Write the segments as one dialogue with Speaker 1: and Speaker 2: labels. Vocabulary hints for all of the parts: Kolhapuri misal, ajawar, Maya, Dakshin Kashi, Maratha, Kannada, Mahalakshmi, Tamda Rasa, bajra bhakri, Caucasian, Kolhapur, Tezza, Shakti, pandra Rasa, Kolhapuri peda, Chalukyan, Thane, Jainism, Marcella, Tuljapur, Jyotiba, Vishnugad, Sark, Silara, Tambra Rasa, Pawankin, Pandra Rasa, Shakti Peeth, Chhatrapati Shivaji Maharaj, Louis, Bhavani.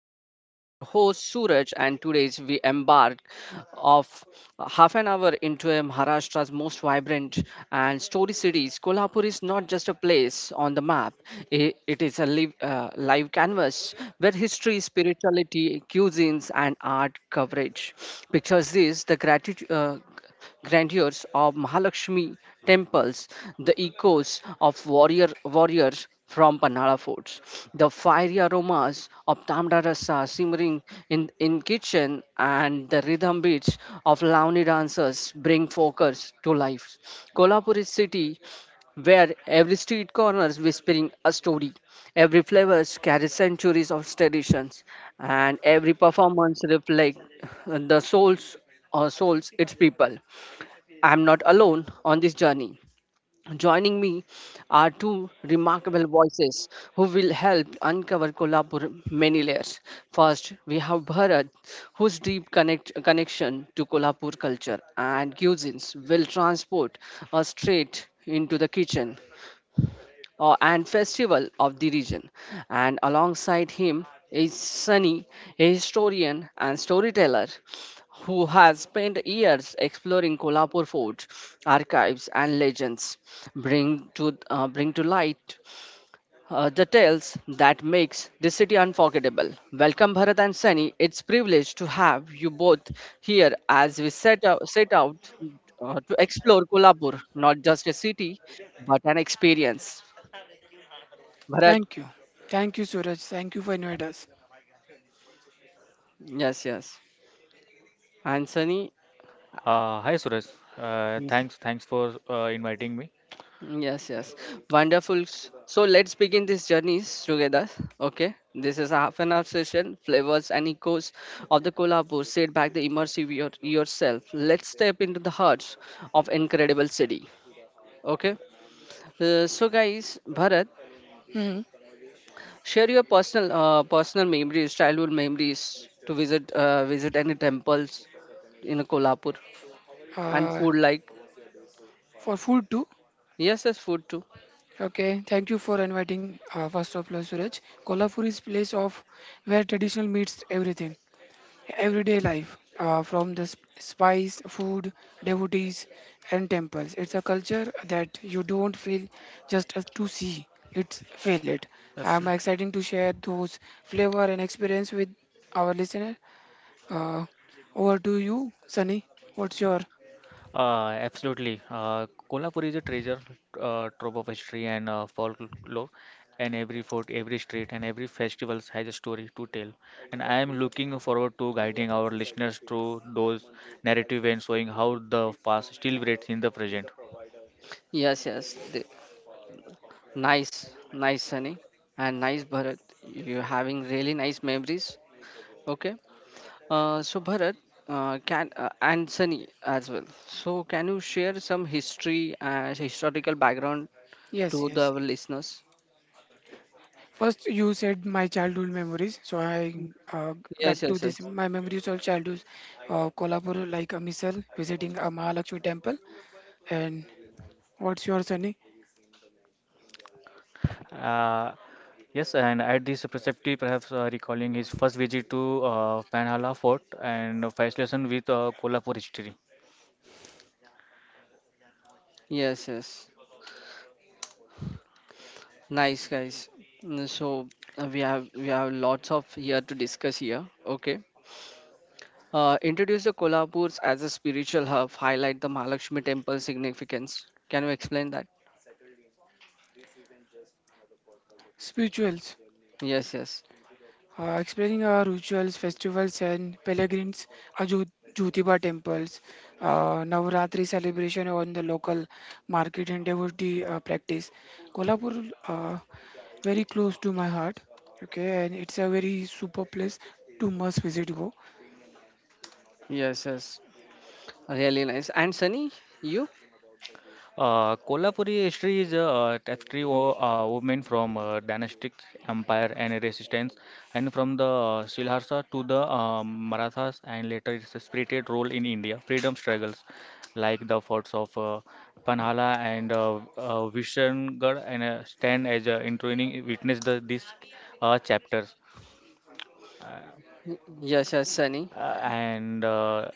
Speaker 1: Flavors. I'm your host Suraj, and today's we embark of half an hour into a Maharashtra's most vibrant and story cities. Kolhapur is not just a place on the map; it is a live, live canvas where history, spirituality, cuisines, and art coverage. Pictures this the gratitude. Grandeurs of Mahalakshmi temples, the echoes of warriors from Panhala forts, the fiery aromas of Tamda Rasa simmering in kitchen and the rhythm beats of Lavani dancers bring focus to life. Kolhapur is city where every street corner is whispering a story, every flavor carries centuries of traditions, and every performance reflects the souls or souls its people. I'm not alone on this journey. Joining me are two remarkable voices who will help uncover Kolhapur many layers. First, we have Bharat, whose deep connection to Kolhapur culture and cuisines will transport us straight into the kitchen and festival of the region. And alongside him is Sunny, a historian and storyteller who has spent years exploring Kolhapur fort, archives, and legends, bring to light the tales that makes this city unforgettable. Welcome, Bharat and Sunny. It's privilege to have you both here as we set out to explore Kolhapur, not just a city, but an experience. Bharat,
Speaker 2: Thank you. Thank you, Suraj. Thank you for inviting us.
Speaker 1: yes, yes. Anthony.
Speaker 3: Hi Suraj. Uh,
Speaker 1: Yes,
Speaker 3: thanks, thanks for uh, inviting me.
Speaker 1: yes, yes. Wonderful. So let's begin this journey together. Okay. This is a half an hour session, flavors and echoes of the Kolhapur. Sit back the immersive yourself. Let's step into the hearts of incredible city. Okay. So guys, Bharat,
Speaker 2: hmm
Speaker 1: share your personal memories, childhood memories to visit any temples in Kolhapur and
Speaker 2: Uh,
Speaker 1: food like
Speaker 2: for food too.
Speaker 1: yes, yes, food too.
Speaker 2: Okay. Thank you for inviting. First of all, Suraj, Kolhapur is place of where traditional meets everything, everyday life, from the spice, food, devotees, and temples. It's a culture that you don't feel just as to see. It's feel it. I'm
Speaker 3: Absolutely.
Speaker 2: excited to share those flavor and experience with our listener. Uh, Over to you, Sunny. What's your.
Speaker 3: Absolutely. Kolhapur is a treasure trove of history and folklore, and every fort, every street, and every festival has a story to tell. And I am looking forward to guiding our listeners through those narrative and showing how the past still breathes in the present.
Speaker 1: Yes, yes. Nice, nice Sunny, and nice Bharat. You're having really nice memories. Okay. So Bharat, can and Sunny as well. So can you share some history and historical background
Speaker 2: Yes,
Speaker 1: to the
Speaker 2: yes.
Speaker 1: our listeners?
Speaker 2: First, you said my childhood memories. So I, uh, back
Speaker 1: Yes,
Speaker 2: to
Speaker 1: yes,
Speaker 2: this.
Speaker 1: yes,
Speaker 2: My memories of childhood, Kolhapur like a missile, visiting a Mahalakshmi temple. And what's your, Sunny?
Speaker 3: Uh, Yes, and at this preceptive, perhaps recalling his first visit to Panhala Fort and fascination with Kolhapur history.
Speaker 1: yes, yes. Nice guys. So we have lots of here to discuss here. Okay. Introduce the Kolhapur as a spiritual hub. Highlight the Mahalakshmi temple significance. Can you explain that?
Speaker 2: Spirituals.
Speaker 1: Yes, yes.
Speaker 2: Explaining our rituals, festivals, and pilgrims, Jyotiba temples, Navratri celebration on the local market, and devotee practice. Kolhapur, very close to my heart. Okay, and it's a very super place to must visit. Go,
Speaker 1: Yes, yes. Really nice. And Sunny, you?
Speaker 3: Kolhapuri history is a tapestry of women from dynastic empire and resistance, and from the Silharsa to the Marathas, and later its spirited role in India freedom struggles, like the forts of Panhala and Vishnugad, and stand as intriguing witness the, these chapters.
Speaker 1: Y- Yes, yes, Sunny.
Speaker 3: Uh, and uh, uh,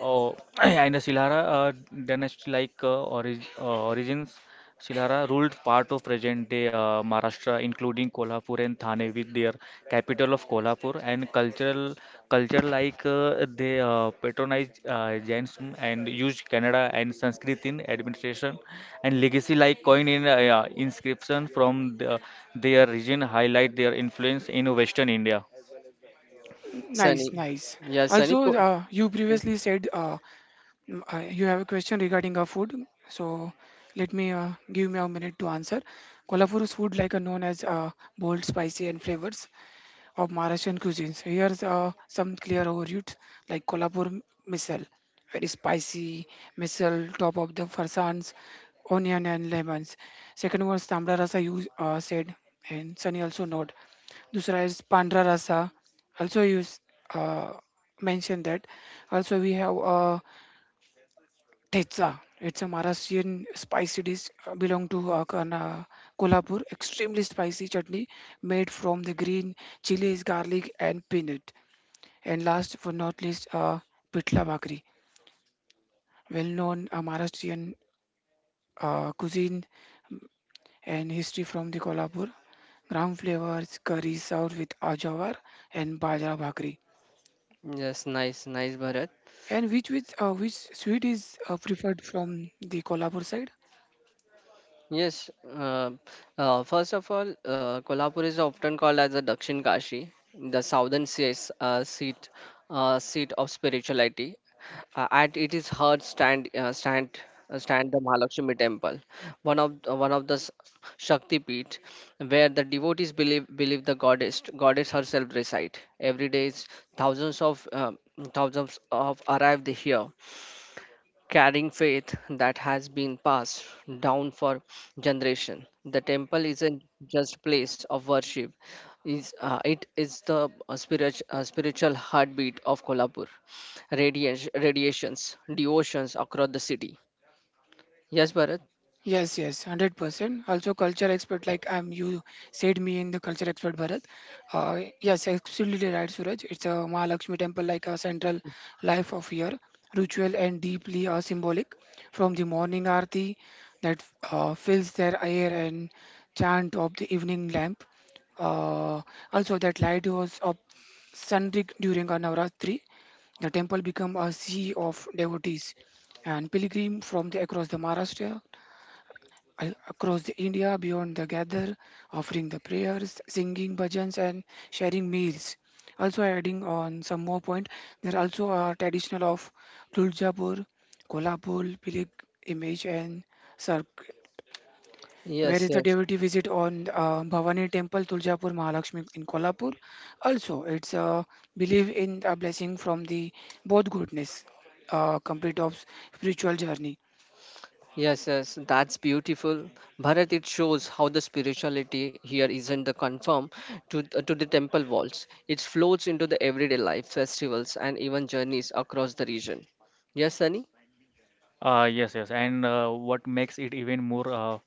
Speaker 3: oh, and the Silara, then like origins, Silara ruled part of present-day Maharashtra, including Kolhapur and Thane, with their capital of Kolhapur and cultural culture like they patronized Jainism and used Kannada and Sanskrit in administration and legacy like coin in yeah, inscription from the, their region highlight their influence in Western India.
Speaker 1: Yes,
Speaker 2: nice,
Speaker 1: Sunny.
Speaker 2: nice.
Speaker 1: Yes, Sunny.
Speaker 2: Also, you previously said, you have a question regarding our food, so let me, give me a minute to answer. Kolhapur's food, like known as bold, spicy, and flavors of Malaysian cuisines. Here's some clear overviews like Kolhapur misal, very spicy misal, top of the farsans, onion and lemons. Second was Tambra Rasa you said, and Sunny also noted. दूसरा is Pandra Rasa, also you uh, mentioned that. Also we have Tezza. It's a Maharashtrian spicy dish belong to Kolhapur. Extremely spicy chutney made from the green chilies, garlic, and peanut. And last but not least, Pitla Bhakri, well-known Maharashtrian cuisine and history from the Kolhapur. Gram flavors, curry served with ajawar and bajra bhakri.
Speaker 1: Yes, nice, nice, Bharat.
Speaker 2: And which sweet is preferred from the Kolhapur side?
Speaker 1: Yes, first of all, Kolhapur is often called as the Dakshin Kashi, the seat, seat of spirituality. At it is heard stand the Mahalakshmi temple, one of the Shakti Peeth, where the devotees believe the goddess herself reside. Every day, thousands of uh, thousands of arrive here carrying faith that has been passed down for generation the temple isn't just place of worship is it is the spiritual heartbeat of Kolhapur radiations devotions across the city, yes Bharat,
Speaker 2: Yes, yes, 100%. Also, culture expert, like I'm. You said me in the culture expert, Bharat. Yes, absolutely right, Suraj. It's a Mahalakshmi temple, like a central life of year, ritual and deeply symbolic. From the morning arti that fills their air and chant of the evening lamp. Uh, Also, that light was up sunrig during a Navratri. The temple become a sea of devotees and pilgrim from the across the Maharashtra, across the India beyond the gather, offering the prayers, singing bhajans, and sharing meals. Also, adding on some more point, there also are traditional of Tuljapur, Kolhapur, Pilik image, and Sark. Where
Speaker 1: yes,
Speaker 2: is the
Speaker 1: yes.
Speaker 2: devotee visit on, Bhavani temple, Tuljapur, Mahalakshmi in Kolhapur? Also, it's a belief in a blessing from the both goodness, complete of spiritual journey.
Speaker 1: Yes, yes, that's beautiful. Bharat, it shows how the spirituality here isn't the conform to the temple walls. It flows into the everyday life, festivals, and even journeys across the region. Yes, Sunny?
Speaker 3: Yes, and what makes it even more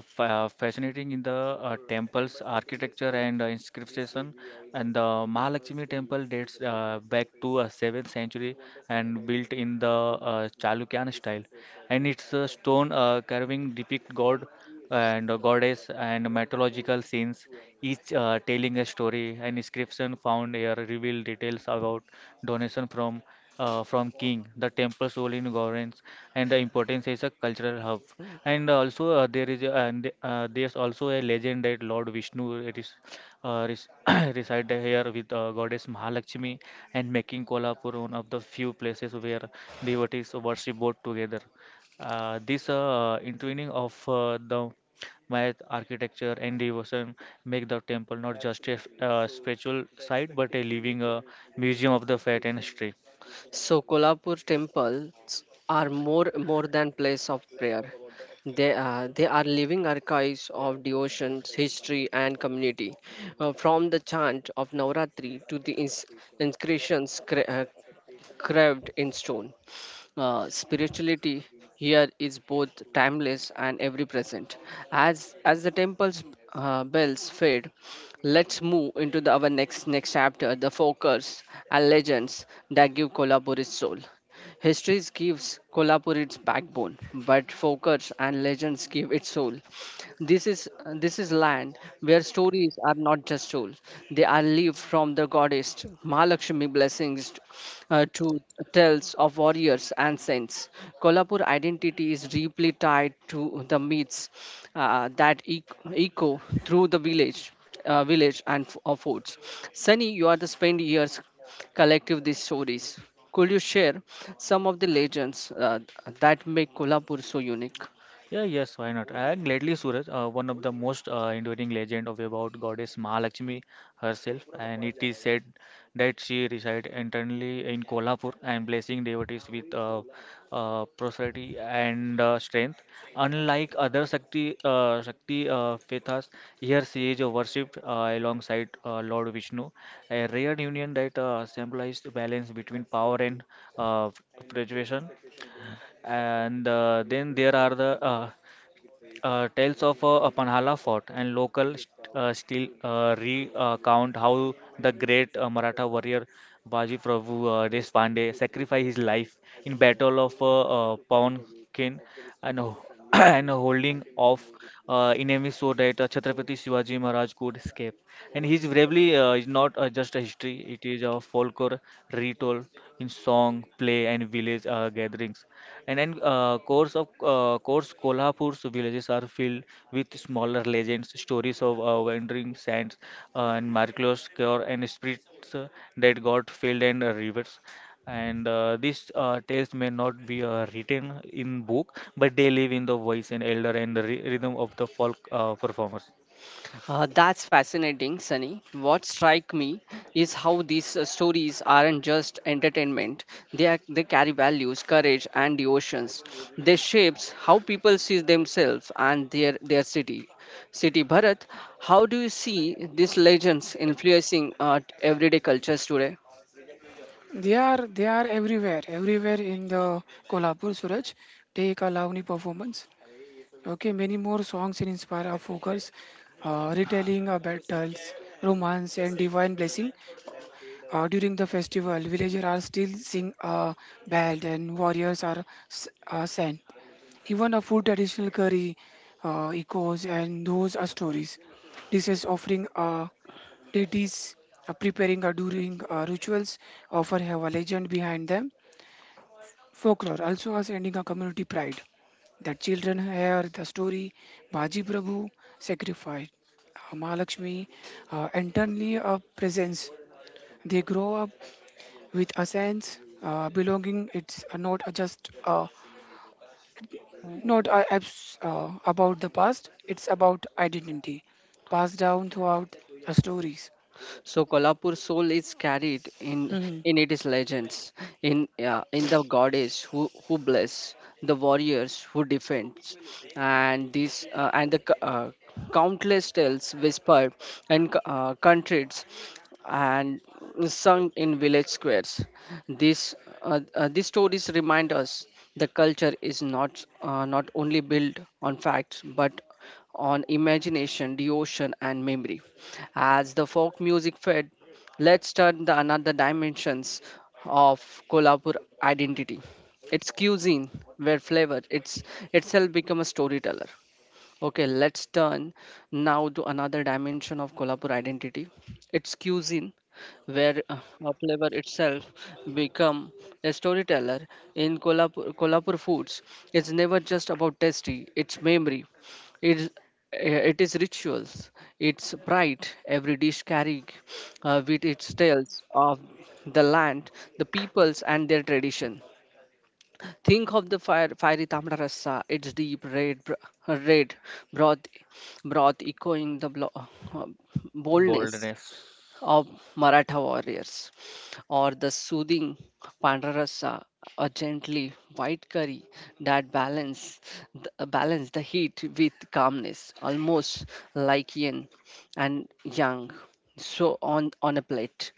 Speaker 3: f fascinating in the temple's architecture and inscription, and the Mahalakshmi temple dates back to 7th century and built in the Chalukyan style, and its stone carving depict god and goddess and mythological scenes, each telling a story. An inscription found here reveal details about donation from king, the temple's role in governance and the importance is a cultural hub. And also there is there's also a legend that Lord Vishnu it is res reside here with goddess Mahalakshmi and making Kolhapur one of the few places where devotees worship both together. This intertwining of the Maya architecture and devotion make the temple not just a spiritual site but a living museum of the faith and history.
Speaker 1: So, Kolhapur temples are more than place of prayer. They are living archives of devotions, history, and community. From the chant of Navratri to the inscriptions carved in stone. Spirituality here is both timeless and every present as the temple's bells fade, let's move into our next chapter, the fokers and legends that give Kolhapur its soul. History gives Kolhapur its backbone, but fokers and legends give its soul. this is this is land where stories are not just told; they are lived, from the goddess Mahalakshmi blessings to tales of warriors and saints. Kolhapur identity is deeply tied to the myths that echo through the village, village and forts. Sunny, you are the spend years collective these stories. Could you share some of the legends that make Kolhapur so unique?
Speaker 3: Yeah, yes, why not? And lately, Suraj, one of the most enduring legend of about goddess Mahalakshmi herself, and it is said that she resides internally in Kolhapur and blessing devotees with prosperity and strength. Unlike other Shakti Pethas, here she is worshipped alongside Lord Vishnu, a rare union that symbolizes the balance between power and uh, preservation. And then there are the tells of Panhala fort and local still recount how the great Maratha warrior Baji Prabhu Deshpande sacrificed his life in battle of Pawankin and, and holding off enemies so that Chhatrapati Shivaji Maharaj could escape. And his bravery is not just a history; it is a folklore retold in song, play, and village gatherings. And then course Kolhapur's villages are filled with smaller legends, stories of wandering saints and miraculous cure and spirits that got filled and rivers. And these tales may not be written in book, but they live in the voice and elder and the rhythm of the folk performers.
Speaker 1: That's fascinating, Sunny. What strike me is how these stories aren't just entertainment. They carry values, courage, and devotions. They shapes how people see themselves and their city. City Bharat, how do you see these legends influencing everyday cultures today?
Speaker 2: They are everywhere, everywhere in the Kolhapur, Suraj. Take a Lavani performance. Okay, many more songs in inspire our focus, retelling our battles, romance, and divine blessing. During the festival, villagers are still sing belt and warriors are sang. Even a food traditional curry, echoes, and those are stories. This is offering deities, preparing during rituals, offer have a legend behind them. Folklore also has ending a community pride that children hear the story Baji Prabhu sacrificed, Mahalakshmi, and suddenly a presence. They grow up with a sense, belonging. It's not a just not a abs- about the past. It's about identity passed down throughout the stories.
Speaker 1: So Kolhapur soul is carried in its legends, in yeah, in the goddess who bless, the warriors who defends, and this and the c- countless tales whispered and countries and sung in village squares. This These stories remind us the culture is not only built on facts but on imagination, devotion, and memory. As the folk music fed, let's turn the another dimensions of Kolhapur identity. Its cuisine, where flavor it's itself become a storyteller. Okay, let's turn now to another dimension of Kolhapur identity. Its cuisine, where a flavor itself become a storyteller in Kolhapur, Kolhapur foods. It's never just about tasty, it's memory. It's, it is rituals, it's pride. Every dish carrying with its tales of the land, the peoples and their tradition. Think of the fiery tamra rasa, its deep red broth, broth echoing the boldness
Speaker 3: Boldness.
Speaker 1: of Maratha warriors, or the soothing pandra rasa, a gently white curry that balance the heat with calmness, almost like yin and yang so on a plate,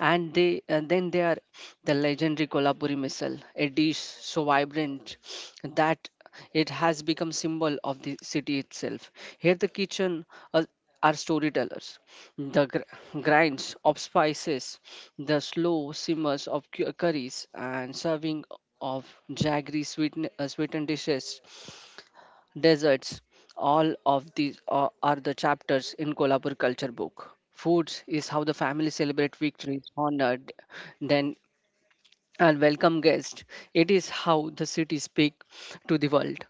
Speaker 1: and they and then they are the legendary Kolhapuri missile, a dish so vibrant that it has become symbol of the city itself. Here the kitchen uh, are storytellers, the grinds of spices, the slow simmers of curries and serving of jaggery sweetened dishes, deserts, all of these are the chapters in Kolhapur culture book. Foods is how the family celebrate victories, honored, then and welcome guests. It is how the city speak to the world.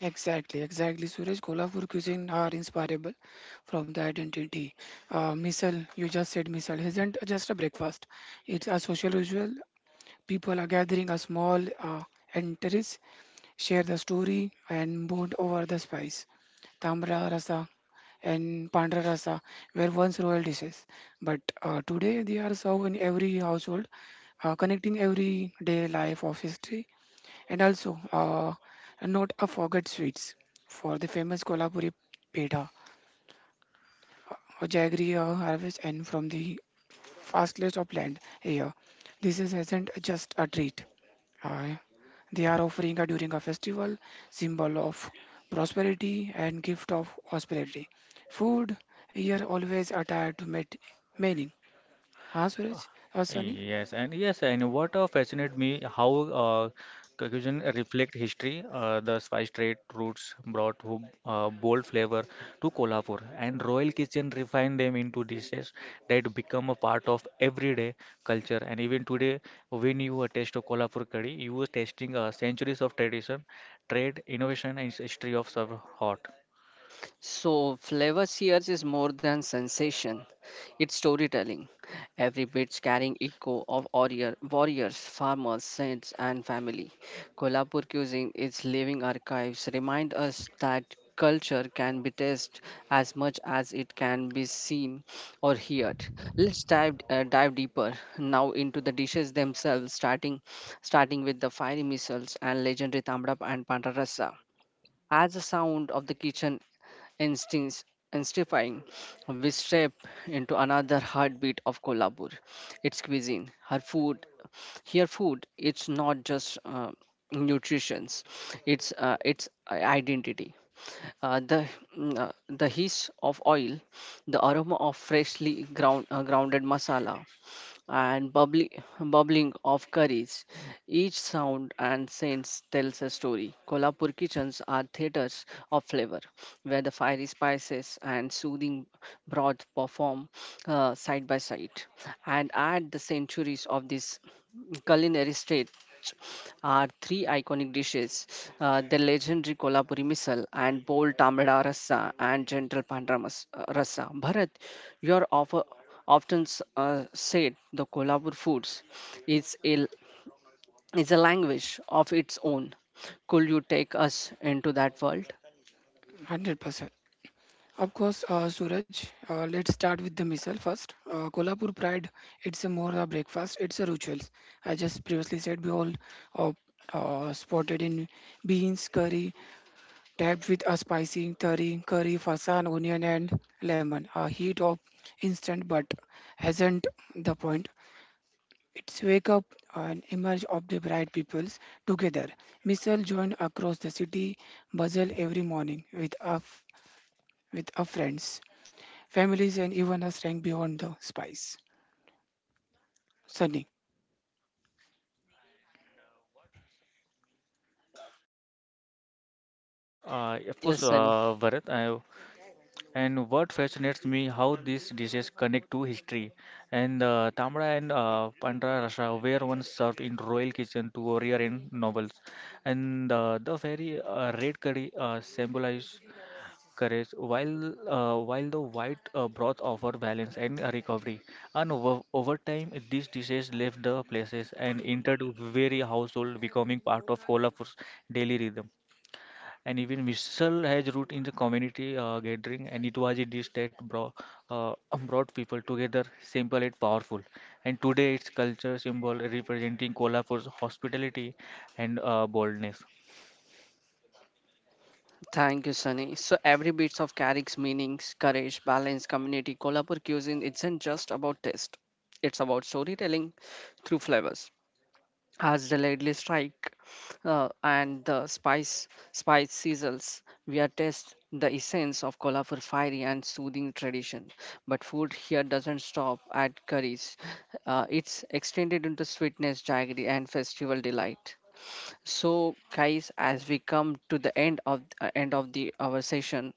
Speaker 2: Exactly, exactly. Suraj, Kolhapur cuisine are inspirable from the identity. Misal, you just said misal, isn't just a breakfast. It's a social ritual. People are gathering a small, and terrace, share the story and bond over the spice. Tamra rasa and pandra rasa were once royal dishes, but today they are served in every household, connecting everyday life of history, and also, not a forget sweets for the famous Kolhapuri peda or jaggery, harvest and from the fastest of land here. This is isn't just a treat. Uh, they are offering a, during a festival symbol of prosperity and gift of hospitality. Food here always attached to meet meaning. Huh, Suraj? Sunny?
Speaker 3: Yes, and yes, and what fascinated me how Caucasian reflect history. The spice trade routes brought bold flavor to Kolhapur, and Royal Kitchen refined them into dishes that become a part of everyday culture. And even today, when you taste a Kolhapur curry, you are tasting centuries of tradition, trade, innovation, and history of serve hot.
Speaker 1: So, flavor sears is more than sensation, it's storytelling. Every bit's carrying echo of warriors, farmers, saints, and family. Kolhapur cuisine, its living archives, remind us that culture can be tasted as much as it can be seen or heard. Let's dive deeper now into the dishes themselves, starting with the fiery missiles and legendary tamrap and pandarasa. As the sound of the kitchen instincts Instifying, we step into another heartbeat of Kolhapur, its cuisine, her food, here food it's not just nutrition, it's identity. uh, the the hiss of oil, the aroma of freshly grounded masala and bubbling of curries, each sound and sense tells a story. Kolhapur kitchens are theatres of flavor, where the fiery spices and soothing broth perform side by side. And at the centuries of this culinary state are three iconic dishes, the legendary Kolhapuri misal and bold tamada rasa and gentle rasa. Bharat, you are often said the Kolhapur foods is a is a language of its own. Could you take us into that world?
Speaker 2: 100%. Of course, Suraj, let's start with the missile first. Kolhapur Pride, it's a more a breakfast, it's a rituals. I just previously said we all, uh, spotted in beans, curry, tapped with a spicy curry, fasan, onion and lemon. A heat of instant but hasn't the point. It's wake up and emerge of the bright peoples together. Missile joined across the city, buzzle every morning with a, with a friends families and even us rank beyond the spice. Sunny.
Speaker 3: Uh, of course,
Speaker 1: Yes, Sunny.
Speaker 3: uh, Bharat, I, and what fascinates me how these dishes connect to history. And tamra and pandra Rasa, were once served in royal kitchen to warrior in novels. And the very red curry symbolizes courage, while while the white broth offer balance and recovery. And over time, these dishes left the places and entered very household, becoming part of Kolhapur's daily rhythm and even whistle has root in the community gathering and it was a dish that brought, uh, brought people together simple yet powerful and today it's culture symbol representing cola for hospitality and boldness.
Speaker 1: Thank you, Sunny. So every bit of carries meanings, courage, balance, community. Kolhapur cuisine isn't just about taste; it's about storytelling through flavors. Has delayedly strike and the spice sizzles, we are test the essence of colorful fiery and soothing tradition, but food here doesn't stop at curries. It's extended into sweetness jaggery and festival delight. So, guys, as we come to the end of the our session,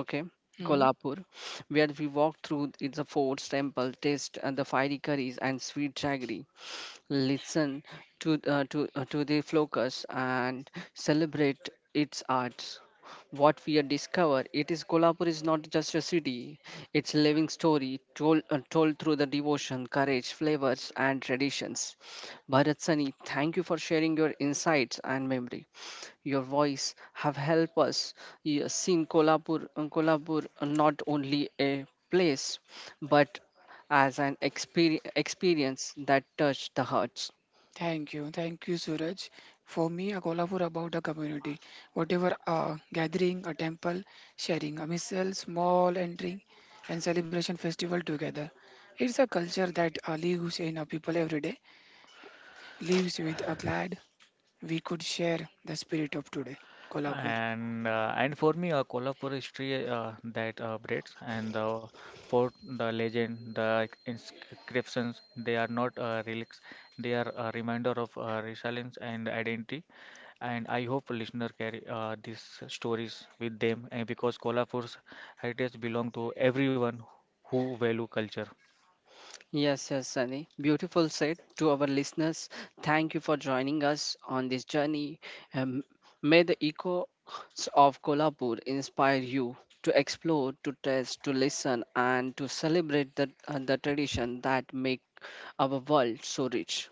Speaker 1: okay,
Speaker 2: hmm
Speaker 1: Kolhapur, where we walk through its forts, temple, taste and the fiery curries and sweet jaggery, listen to to the flocus and celebrate its arts. What we have discovered it is Kolhapur is not just a city, it's a living story told through the devotion courage flavors and traditions. Bharat Sani, thank you for sharing your insights and memory. Your voice have helped us seen Kolhapur Kolhapur not only a place but as an experience that touched the hearts.
Speaker 2: Thank you. Thank you, Suraj. For me, a Kolhapur about the community. Whatever a gathering, a temple, sharing, a missile, small entering, and celebration festival together. It's a culture that lives in our people every day, lives with a glad we could share the spirit of today. Kolhapur.
Speaker 3: And and for me, Kolhapur history that breeds and the fort, the legend, the inscriptions, they are not relics. They are a reminder of resilience and identity. And I hope listener carry these stories with them, and because Kolhapur's heritage belong to everyone who value culture.
Speaker 1: Yes, yes, Sunny. Beautiful said to our listeners. Thank you for joining us on this journey. Um, may the echoes of Kolhapur inspire you to explore, to test, to listen, and to celebrate the tradition that make our world so rich.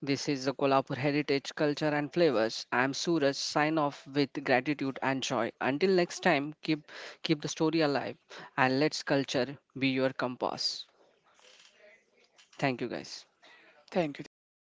Speaker 1: This is the Kolhapur Heritage Culture and Flavors. I am Suraj. Sign off with gratitude and joy. Until next time, keep the story alive and let's culture be your compass. Thank you, guys.
Speaker 2: Thank you. Thank you so